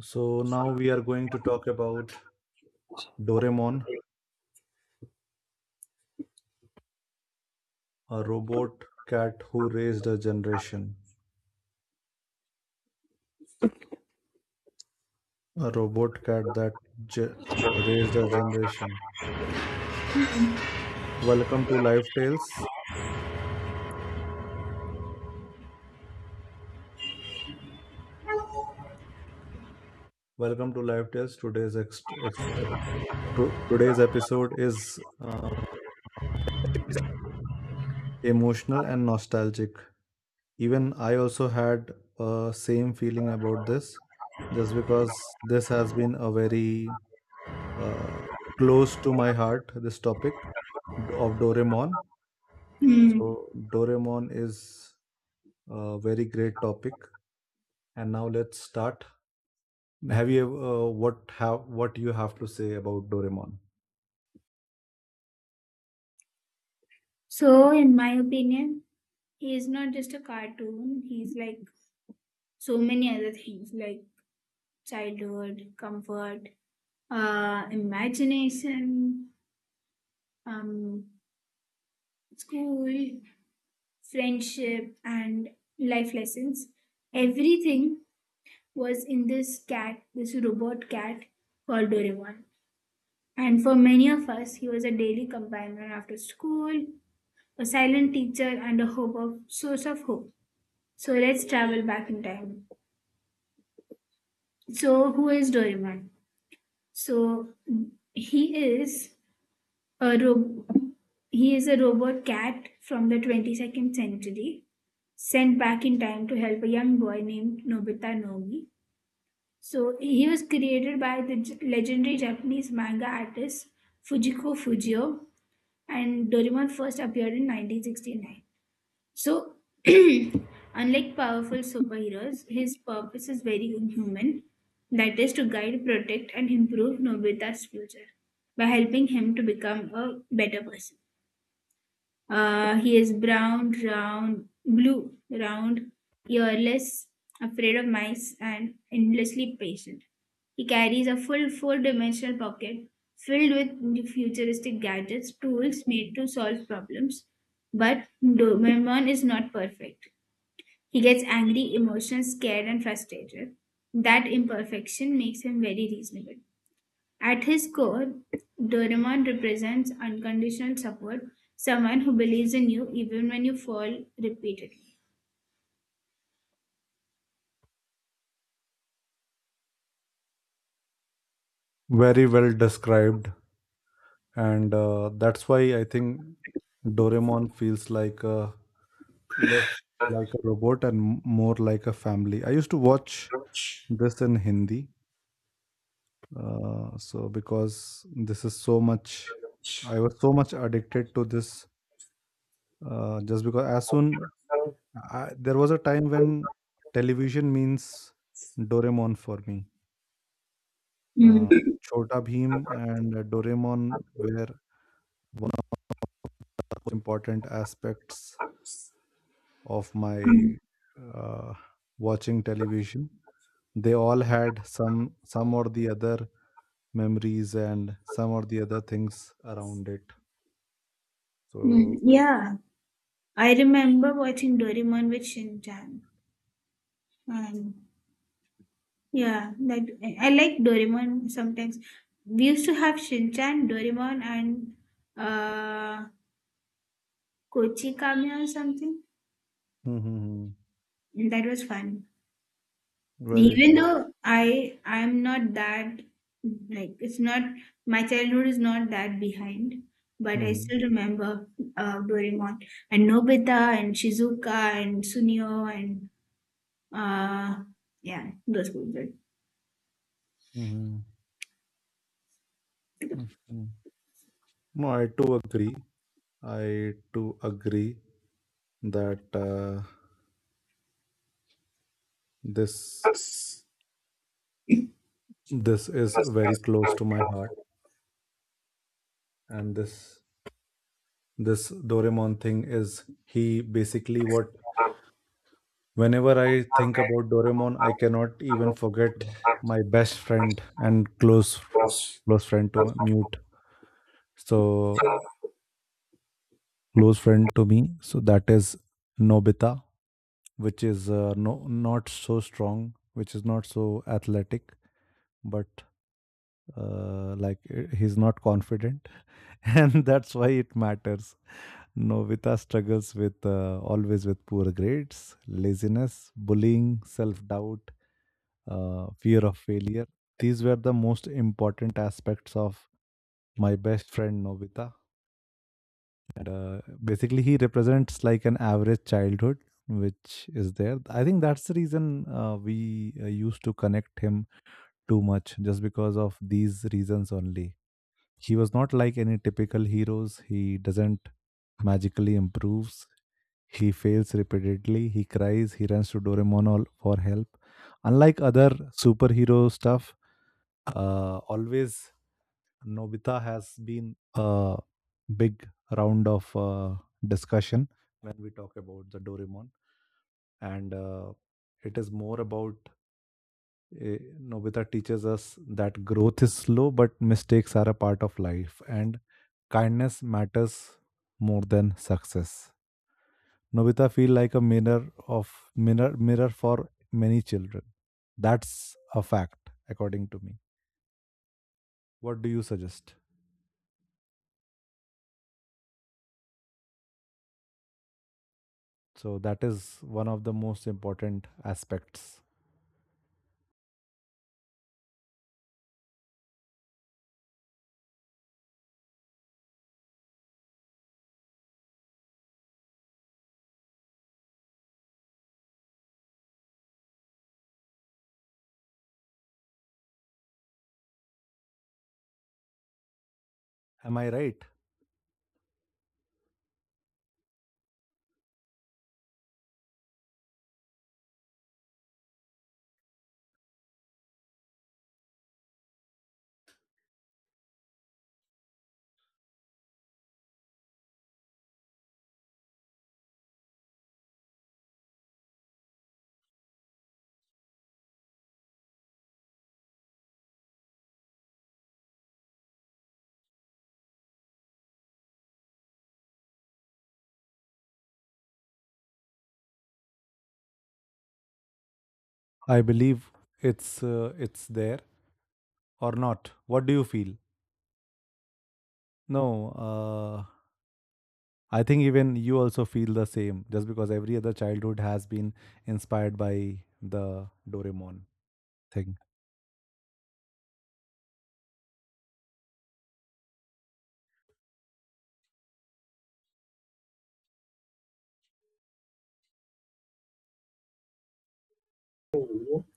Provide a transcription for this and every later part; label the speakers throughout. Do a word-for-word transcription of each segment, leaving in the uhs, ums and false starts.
Speaker 1: So now we are going to talk about Doraemon, a robot cat who raised a generation. A robot cat that ge- raised a generation. Welcome to Life Tales. Welcome to Life Tales. Today's ex- ex- ep- to- today's episode is uh, emotional and nostalgic. Even I also had uh, same feeling about this, just because this has been a very uh, close to my heart, this topic of Doraemon.
Speaker 2: Hmm.
Speaker 1: So Doraemon is a very great topic. And now let's start. Have you uh, what have what you have to say about Doraemon?
Speaker 2: So, in my opinion, he is not just a cartoon. He's like so many other things, like childhood, comfort, uh, imagination, um, school, friendship, and life lessons. Everything was in this cat, this robot cat called Doraemon. And for many of us, he was a daily companion after school, a silent teacher, and a hope of source of hope. So let's travel back in time. So who is Doraemon? So he is a ro- he is a robot cat from the twenty-second century sent back in time to help a young boy named Nobita Nomi. So he was created by the j- legendary Japanese manga artist Fujiko Fujio and Doraemon first appeared in nineteen sixty-nine. So, unlike powerful superheroes, his purpose is very human, that is, to guide, protect, and improve Nobita's future by helping him to become a better person. Uh, he is brown, round, blue, round, earless, afraid of mice, and endlessly patient. He carries a full four dimensional pocket filled with futuristic gadgets, tools made to solve problems. But Doberman is not perfect. He gets angry, emotional, scared, and frustrated. That imperfection makes him very reasonable. At his core, Doraemon represents unconditional support, someone who believes in you even when you fall repeatedly.
Speaker 1: Very well described, and uh, that's why I think Doraemon feels like a less like a robot and m- more like a family. I used to watch this in Hindi, uh, so because this is so much, I was so much addicted to this uh, just because as soon I, there was a time when television means Doraemon for me. Uh,
Speaker 2: Mm,
Speaker 1: Chota Bheem and uh, Doraemon were important aspects of my
Speaker 2: mm,
Speaker 1: uh, watching television. They all had some some or the other memories and some or the other things around it.
Speaker 2: mm,
Speaker 1: So,
Speaker 2: yeah, I remember watching Doraemon with Shinchan. And yeah, that I I like Doraemon sometimes. We used to have Shinchan, Doraemon, and uh, Kochi Kame or something.
Speaker 1: mm-hmm,
Speaker 2: That was fun.
Speaker 1: very
Speaker 2: Even
Speaker 1: true.
Speaker 2: though i i'm not that, like, it's not, my childhood is not that behind, but
Speaker 1: Hmm,
Speaker 2: I
Speaker 1: hmm,
Speaker 2: still remember uh Doraemon and Nobita and Shizuka and Sunio and uh yeah, those people.
Speaker 1: hmm, hmm, hmm, hmm. No, I too agree. I too agree that. Uh, this this is very close to my heart, and this this doraemon thing is he basically what whenever I think about doraemon I cannot even forget my best friend and close close friend to my mute so close friend to me, so that is Nobita, which is uh, no not so strong, which is not so athletic, but uh, like eh, he's not confident and that's why it matters. Novita struggles with uh, always with poor grades, laziness, bullying, self doubt, uh, fear of failure. These were the most important aspects of my best friend Novita. And uh, basically, he represents like an average childhood, which is there. I think that's the reason uh, we uh, used to connect him too much, just because of these reasons only. He was not like any typical heroes. He doesn't magically improves. He fails repeatedly. He cries. He runs to Doraemon all- for help. Unlike other superhero stuff, uh, always Nobita has been a big round of uh, discussion when we talk about the Doraemon, and uh, it is more about eh, Nobita teaches us that growth is slow, but mistakes are a part of life, and kindness matters more than success. Nobita feel like a mirror of mirror mirror for many children. That's a fact, according to me. What do you suggest? So that is one of the most important aspects. Am I right? I believe it's uh, it's there or not. What do you feel? No, uh, I think even you also feel the same, just because every other childhood has been inspired by the Doraemon thing,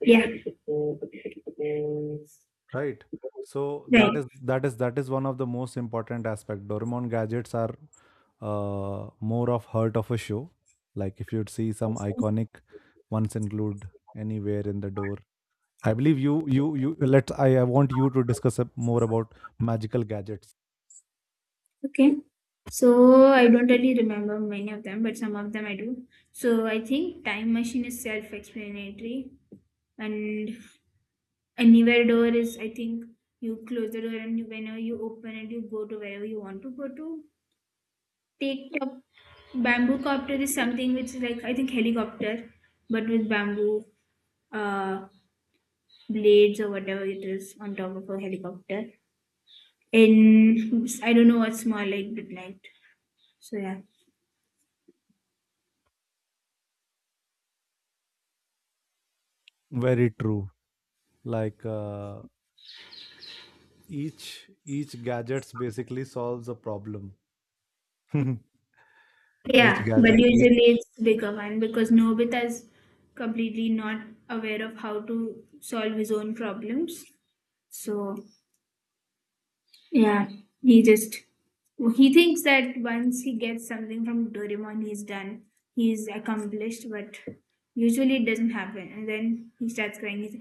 Speaker 2: Yeah.
Speaker 1: right? So
Speaker 2: Right.
Speaker 1: that is that is that is one of the most important aspect. Doraemon gadgets are uh, more of heart of a show. Like if you'd see some iconic ones include anywhere in the door. I believe you you you let's I, I want you to discuss a- more about magical gadgets.
Speaker 2: Okay, so I don't really remember many of them, but some of them I do. So I think time machine is self-explanatory, and anywhere door is, I think, you close the door and you, whenever you open it you go to wherever you want to go to take up. Bamboo copter is something which is like, I think, helicopter but with bamboo uh blades or whatever it is on top of a helicopter. And I don't know what's more like but light. So yeah.
Speaker 1: Very true. Like uh, each each gadgets basically solves a problem. Each
Speaker 2: Yeah, but
Speaker 1: gadget each
Speaker 2: usually it's bigger one because Nobita's completely not aware of how to solve his own problems. So yeah, he just, he thinks that once he gets something from Doraemon, he's done, he's accomplished, but usually it doesn't happen. And then he starts crying. He's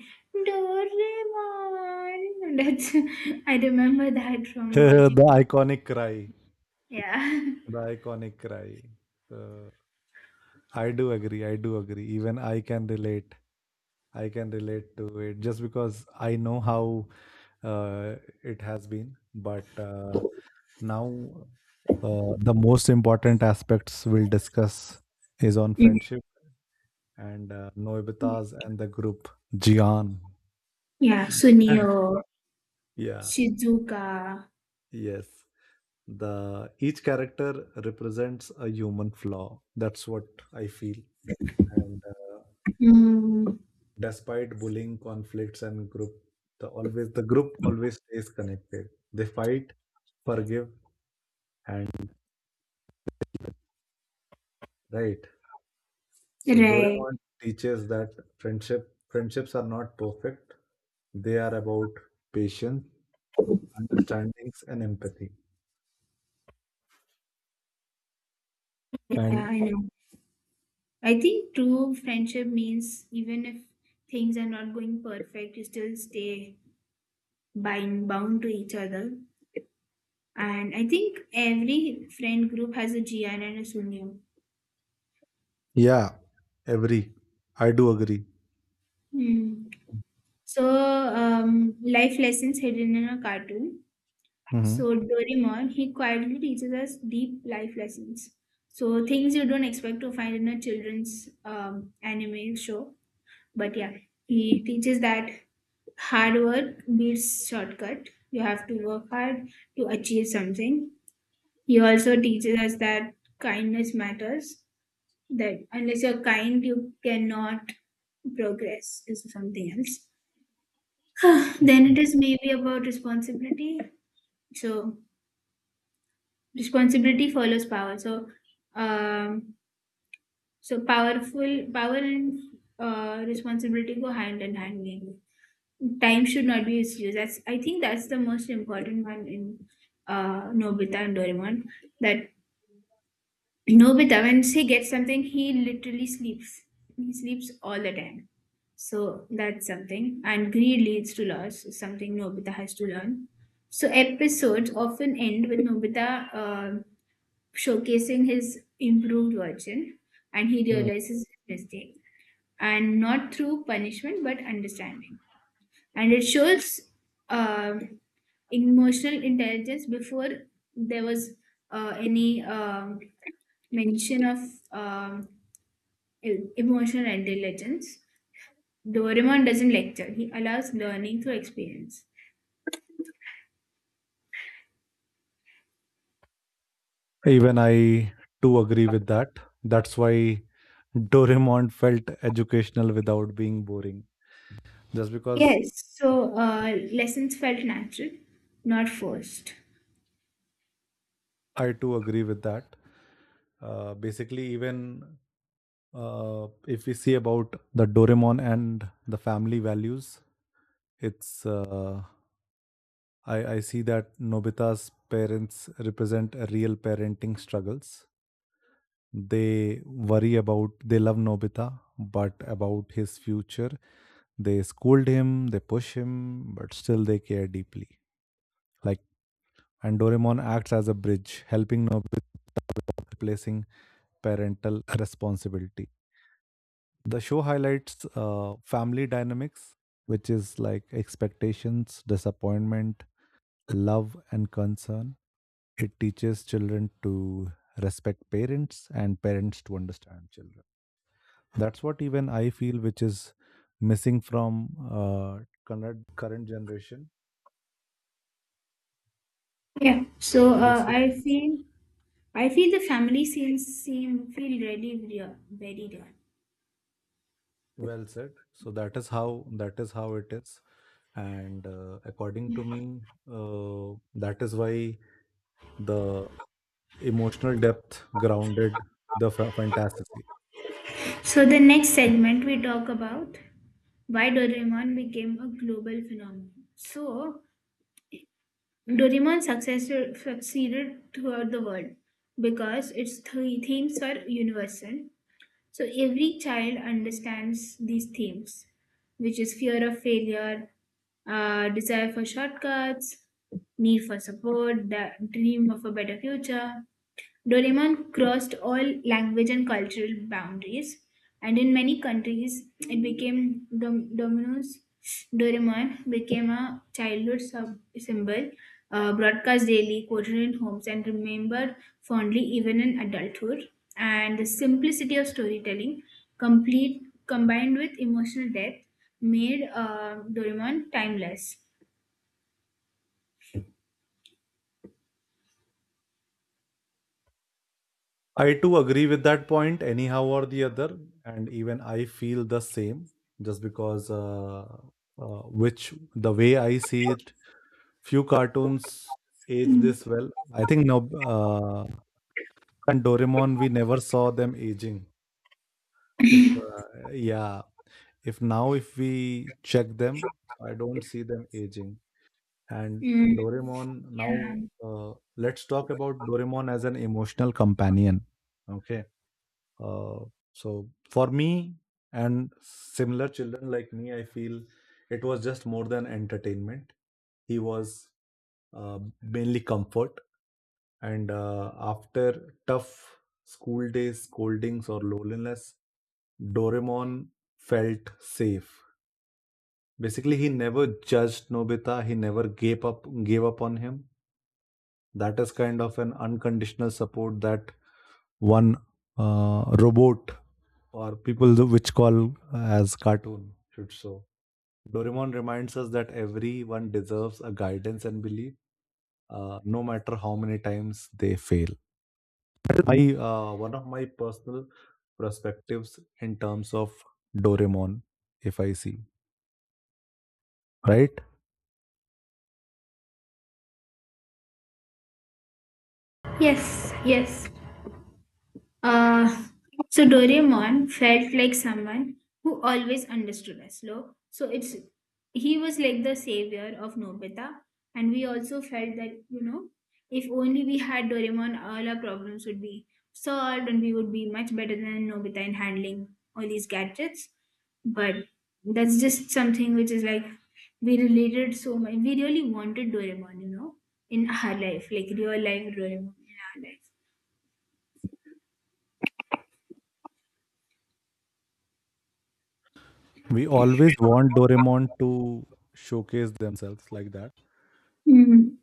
Speaker 2: Doraemon. That's I remember that from
Speaker 1: The
Speaker 2: watching.
Speaker 1: iconic cry.
Speaker 2: Yeah,
Speaker 1: The iconic cry. Uh, i do agree i do agree even i can relate i can relate to it just because I know how uh, it has been, but uh, now uh, the most important aspects we'll discuss is on
Speaker 2: mhm.
Speaker 1: friendship, and uh, noebitas and the group, Jian,
Speaker 2: Yeah. Sunio,
Speaker 1: yeah,
Speaker 2: Shizuka,
Speaker 1: yes. The each character represents a human flaw, that's what I feel. And uh,
Speaker 2: mm,
Speaker 1: despite bullying conflicts and group, the always the group always stays connected. They fight, forgive, and right. So
Speaker 2: right?
Speaker 1: Doraemon teaches that friendship friendships are not perfect. They are about patience, understandings, and empathy.
Speaker 2: Yeah,
Speaker 1: And
Speaker 2: I know. I think true friendship means even if things are not going perfect, you still stay bind bound to each other. And I think every friend group has a G N and a Sunyum.
Speaker 1: yeah, every, I do agree.
Speaker 2: Hmm. So, um, life lessons hidden in a cartoon.
Speaker 1: Hmm.
Speaker 2: So, Doraemon, he quietly teaches us deep life lessons. So, things you don't expect to find in a children's um, anime show. But yeah, he teaches that hard work beats shortcut. You have to work hard to achieve something. He also teaches us that kindness matters, that unless you're kind you cannot, progress is something else. Then it is maybe about responsibility. So responsibility follows power. So um, so powerful power and uh, responsibility go hand in hand, maybe. Time should not be misused, that's, I think that's the most important one in uh Nobita and Doraemon. That Nobita, when he gets something, he literally sleeps. He sleeps all the time. So that's something. And greed leads to loss, is something Nobita has to learn. So episodes often end with Nobita uh, showcasing his improved version and he realizes his mistake. And not through punishment, but understanding. And it shows uh, emotional intelligence before there was uh, any. Um mention of um, e- emotional intelligence. Doraemon doesn't lecture. He allows learning through experience.
Speaker 1: Even I do agree with that. That's why Doraemon felt educational without being boring. Just because
Speaker 2: Yes, so uh, lessons felt natural, not forced.
Speaker 1: I too agree with that. Uh, basically, even uh, if we see about the Doraemon and the family values, it's uh, I, I see that Nobita's parents represent real parenting struggles. They worry about, they love Nobita, but about his future, they scold him, they push him, but still they care deeply. Like, and Doraemon acts as a bridge, helping Nobita replacing parental responsibility. The show highlights uh, family dynamics, which is like expectations, disappointment, love, and concern. It teaches children to respect parents and parents to understand children. That's what even I feel, which is missing from uh, current current generation.
Speaker 2: Yeah. So
Speaker 1: So this
Speaker 2: uh,
Speaker 1: is
Speaker 2: I feel, I feel the family scenes seem feel really real, very real.
Speaker 1: well said. So that is how, that is how it is. And uh, according to me, uh, that is why the emotional depth grounded the fa- fantasy.
Speaker 2: So the next segment we talk about why Doraemon became a global phenomenon. So Doraemon successor, succeeded throughout the world because its three themes are universal. So every child understands these themes, which is fear of failure, uh, desire for shortcuts, need for support, the dream of a better future. Doraemon crossed all language and cultural boundaries, and in many countries, it became Dom- Domino's. Doraemon became a childhood sub- symbol, uh, broadcast daily, quoted in homes, and remembered fondly even in adulthood. And the simplicity of storytelling, complete combined with emotional depth, made uh, Doraemon timeless.
Speaker 1: I too agree with that point anyhow or the other, and even I feel the same just because uh, uh, which the way I see it, few cartoons age
Speaker 2: Mm.
Speaker 1: this well. I think no, uh, and Doraemon, we never saw them aging. If uh, yeah, if now if we check them, so I don't see them aging. And
Speaker 2: Mm,
Speaker 1: Doraemon now,
Speaker 2: yeah.
Speaker 1: uh, let's talk about Doraemon as an emotional companion. Okay, uh, so for me and similar children like me, I feel it was just more than entertainment. He was uh, mainly comfort. And uh, after tough school days, scoldings, or loneliness, Doraemon felt safe. Basically, he never judged Nobita. He never gave up gave up on him. That is kind of an unconditional support that one uh, robot or people th- which call as cartoon should show. Doraemon reminds us that everyone deserves a guidance and belief, uh, no matter how many times they fail. My uh, one of my personal perspectives in terms of Doraemon, if I see right,
Speaker 2: Yes. Yes. Uh, so Doraemon felt like someone who always understood us. Lo. So it's, he was like the savior of Nobita, and we also felt that, you know, if only we had Doraemon, all our problems would be solved, and we would be much better than Nobita in handling all these gadgets. But that's just something which is like, we related so much. We really wanted Doraemon, you know, in our life, like real life Doraemon in our life.
Speaker 1: we always want Doraemon to showcase themselves like that.
Speaker 2: Mhm.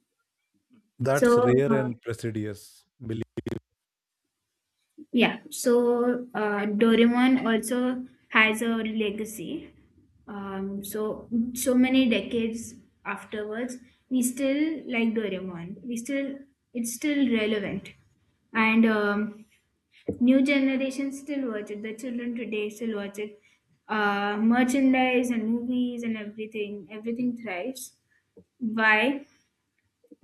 Speaker 1: That's
Speaker 2: So
Speaker 1: rare
Speaker 2: uh,
Speaker 1: and prestigious. Believe.
Speaker 2: yeah, so uh, Doraemon also has a legacy. Um, so so many decades afterwards, we still like Doraemon. We still, it's still relevant, and um, new generation still watch it. The children today still watch it. Uh, merchandise and movies and everything, everything thrives. Why?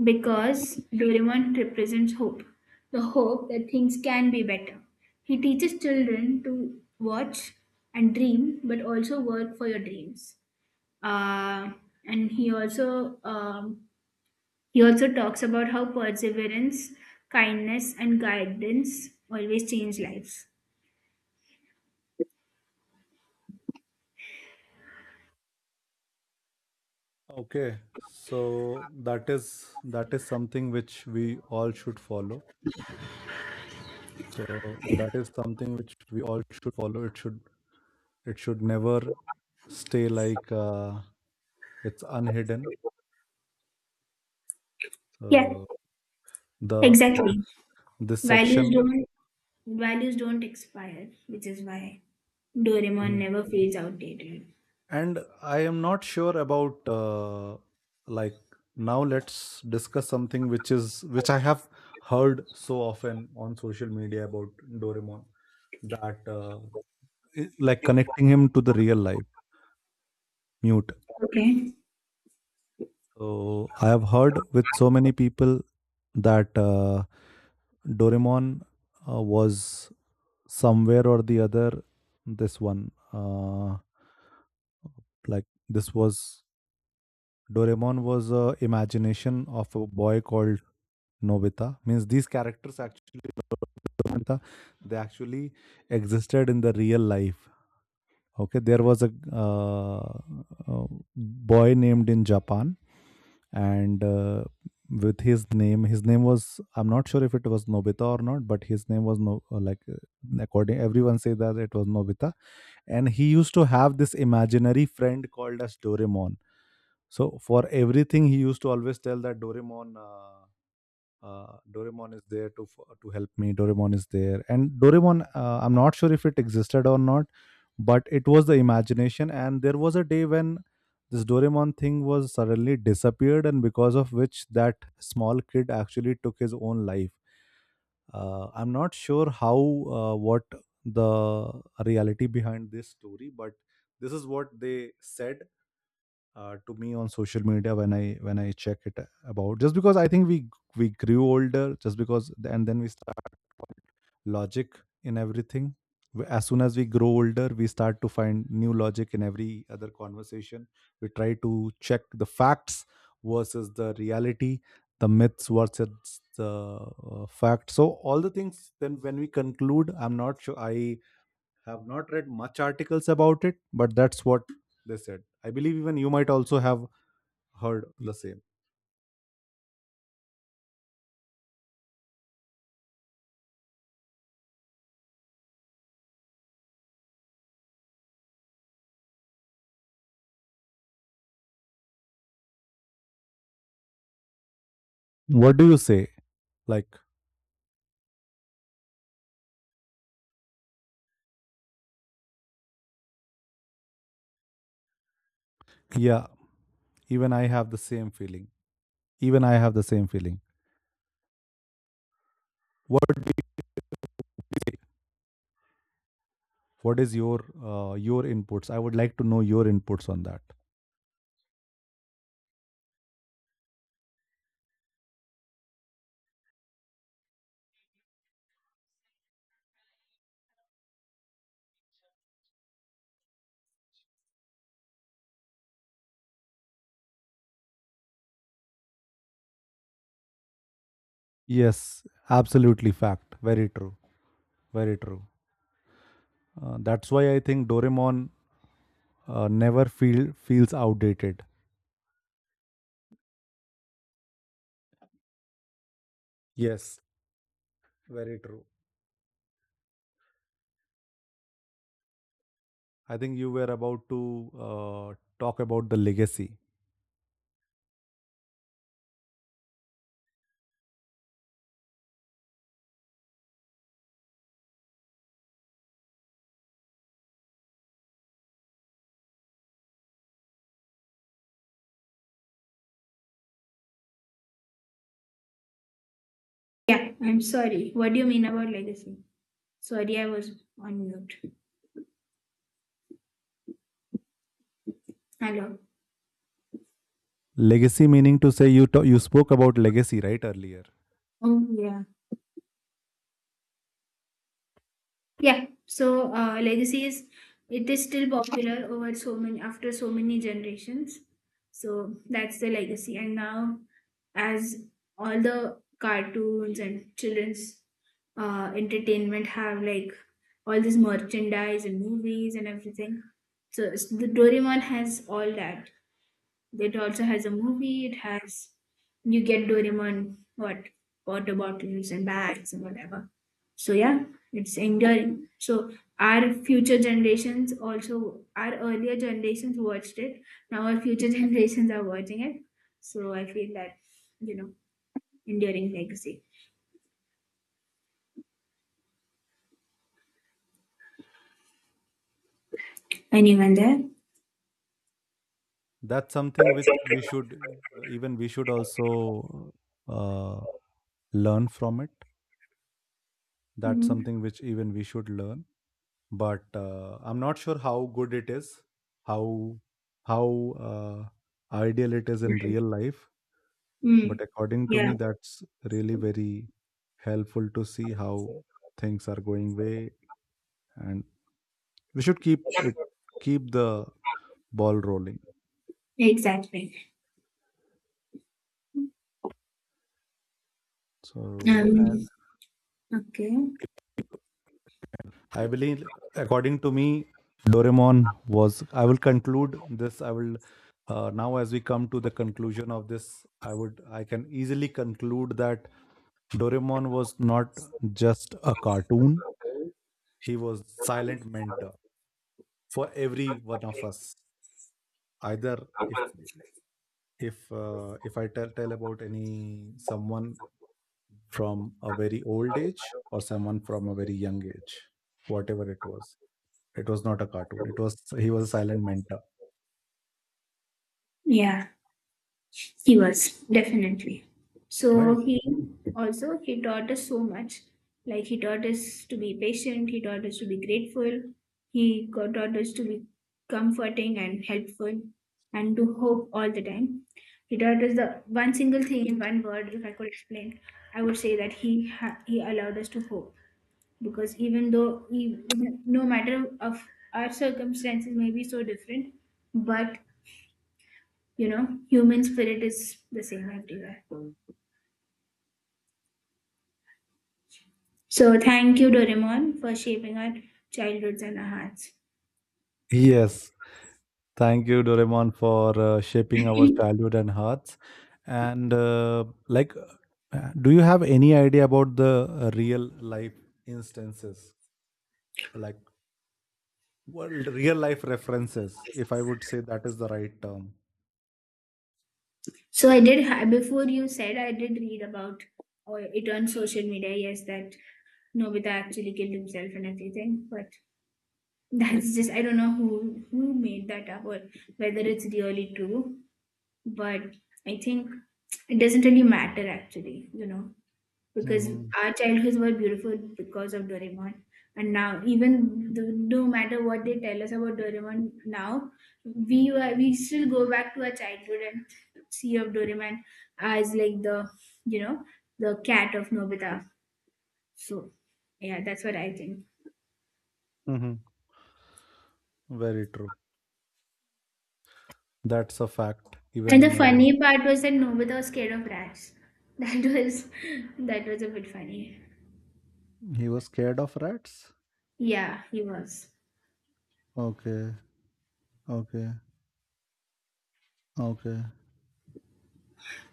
Speaker 2: Because Doraemon represents hope, the hope that things can be better. He teaches children to watch and dream, but also work for your dreams. Uh, and he also um, he also talks about how perseverance, kindness, and guidance always change lives.
Speaker 1: Okay, so that is, that is something which we all should follow. So that is something which we all should follow. It should, it should never stay like uh, it's unhidden.
Speaker 2: Yeah,
Speaker 1: So the, this
Speaker 2: exactly.
Speaker 1: this
Speaker 2: Values
Speaker 1: section.
Speaker 2: don't Values don't expire, which is why Doraemon
Speaker 1: Mhm.
Speaker 2: never feels outdated.
Speaker 1: And I am not sure about uh, like now. Let's discuss something which is, which I have heard so often on social media about Doraemon, that uh, i- like connecting him to the real life mute.
Speaker 2: Okay.
Speaker 1: So I have heard with so many people that uh, Doraemon uh, was somewhere or the other this one, uh, like this was Doraemon was a imagination of a boy called Nobita. Means these characters actually Nobita, they actually existed in the real life. Okay, there was a, uh, a boy named in Japan, and uh, with his name, his name was, I'm not sure if it was Nobita or not, but his name was no uh, like uh, according everyone say that it was Nobita, and he used to have this imaginary friend called as Doraemon. So for everything, he used to always tell that Doraemon, uh, uh, Doraemon is there to f- to help me. Doraemon is there, and Doraemon. Uh, I'm not sure if it existed or not, but it was the imagination. And there was a day when this Doraemon thing was suddenly disappeared, and because of which that small kid actually took his own life. Uh, I'm not sure how uh, what the reality behind this story, but this is what they said uh, to me on social media when i when I check it about. Just because I think we we grew older, just because, and then we start logic in everything. We- as soon as we grow older, we start to find new logic in every other conversation. We try to check the facts versus the reality, the myths versus the uh, fact. So all the things, then when we conclude, I'm not sure, I have not read much articles about it, but that's what they said. I believe even you might also have heard the same. What do you say? Like, yeah, even I have the same feeling. Even I have the same feeling. What what is your uh, your inputs? I would like to know your inputs on that. Yes, absolutely fact. Very true. Very true. Uh, that's why I think Doraemon uh, never feel feels outdated. Yes, very true. I think you were about to uh, talk about the legacy.
Speaker 2: Yeah, I'm sorry. What do you mean about legacy? Sorry, I was on mute. Hello.
Speaker 1: Legacy meaning to say you ta- you spoke about legacy right earlier.
Speaker 2: Oh, yeah. Yeah. So, uh, legacy is, it is still popular over so many, after so many generations. So that's the legacy. And now, as all the cartoons and children's uh, entertainment have like all this merchandise and movies and everything, so it's- the Doraemon has all that. It also has a movie. It has, you get Doraemon, what, water bottles and bags and whatever. So yeah, it's enduring. So our future generations, also our earlier generations watched it. Now our future generations are watching it. So I feel that, you know, enduring legacy. Anyone there?
Speaker 1: That's something which we should, even we should also uh, learn from it. That's
Speaker 2: Mm.
Speaker 1: something which even we should learn. But uh, I'm not sure how good it is, how how uh, ideal it is in real life. But
Speaker 2: Mm.
Speaker 1: according to
Speaker 2: Yeah,
Speaker 1: me, that's really very helpful to see how things are going way, and we should keep it, keep the ball rolling.
Speaker 2: exactly.
Speaker 1: So
Speaker 2: Um.
Speaker 1: and
Speaker 2: Okay.
Speaker 1: I believe, according to me, Doraemon was. I will conclude this. I will, uh, now, as we come to the conclusion of this, I would, I can easily conclude that Doraemon was not just a cartoon. He was silent mentor for every one of us. Either if if uh, if I tell tell about any someone from a very old age or someone from a very young age, whatever it was, it was not a cartoon. It was, he was a silent mentor,
Speaker 2: Yeah. He was definitely. So
Speaker 1: right?
Speaker 2: he also, he taught us so much. Like he taught us to be patient. He taught us to be grateful. He got- taught us to be comforting and helpful, and to hope all the time. He taught us the one single thing in one word. If I could explain, I would say that he ha- he allowed us to hope, because even though, even, no matter of our circumstances may be so different, but you know, human spirit is the same everywhere. So thank you, Doraemon, for shaping our childhoods and our hearts.
Speaker 1: Yes. Thank you, Doraemon, for uh, shaping our childhood and hearts. And uh, like, uh, do you have any idea about the uh, real life instances, like, well, real life references? If I would say that is the right term.
Speaker 2: So I did ha- before you said, I did read about or it on social media. Yes, that Nobita actually killed himself and everything, but that's just, I don't know who who made that up or whether it's really true. But I think it doesn't really matter actually, you know. Because
Speaker 1: Hmm.
Speaker 2: our childhoods were beautiful because of Doraemon. And now, even th- no matter what they tell us about Doraemon now, we were, we still go back to our childhood and see of Doraemon as like the, you know, the cat of Nobita. So yeah, that's what I think.
Speaker 1: Hmm. Very true. That's a fact.
Speaker 2: And the
Speaker 1: Even uh,
Speaker 2: funny part was that Nobita was scared of rats. That was, that was a bit funny.
Speaker 1: he was scared of rats.
Speaker 2: Yeah, he was.
Speaker 1: Okay. Okay. Okay.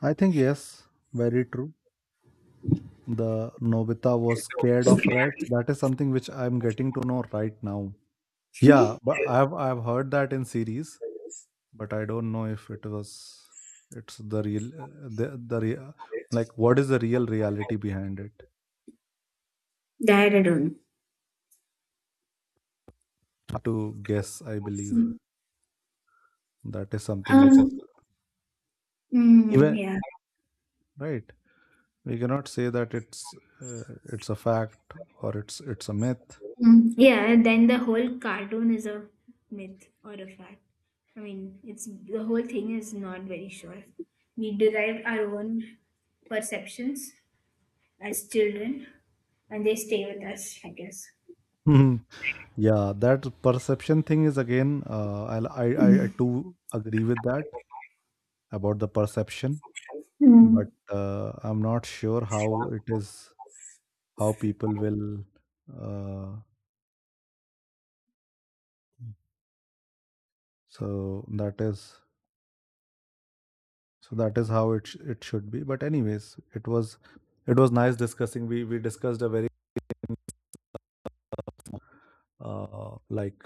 Speaker 1: I think yes. Very true. The Nobita was scared of rats. That is something which I'm getting to know right now. Yeah, but I've I've heard that in series, but I don't know if it was, it's the real uh, the the rea- like what is the real reality behind it.
Speaker 2: That I don't.
Speaker 1: Hard to guess, I believe, that is something which is,
Speaker 2: Um, mm,
Speaker 1: even
Speaker 2: yeah.
Speaker 1: right. We cannot say that it's uh, it's a fact or it's it's a myth.
Speaker 2: Mm, yeah, and then the whole cartoon is a myth or a fact. I mean, it's, the whole thing is not very sure. We derive our own perceptions as children, and they stay with us, I guess.
Speaker 1: Mhm. Yeah, that perception thing is again. Uh, I'll, I I I too agree with that about the perception, but
Speaker 2: Hmm.
Speaker 1: uh, I'm not sure how it is, how people will. Uh, so that is, so that is how it sh- it should be. But anyways, it was, it was nice discussing. We we discussed a very uh, like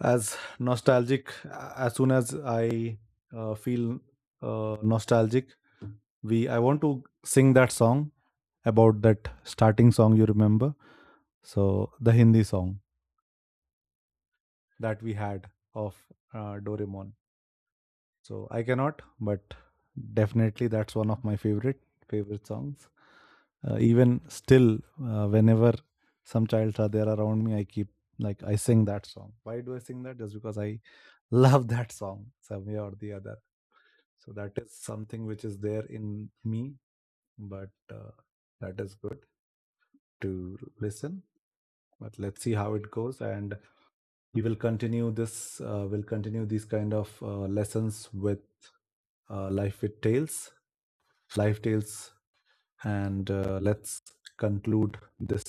Speaker 1: as nostalgic. As soon as I uh, feel uh, nostalgic. We, I want to sing that song about that starting song you remember. So the Hindi song that we had of uh, Doraemon. So I cannot, but definitely that's one of my favorite favorite songs. Uh, even still, uh, whenever some childs are there around me, I keep, like, I sing that song. Why do I sing that? Just because I love that song some way or the other. So that is something which is there in me, but uh, that is good to listen. But let's see how it goes, and we will continue this, uh, we'll continue these kind of uh, lessons with uh, life with tales, life tales, and uh, let's conclude this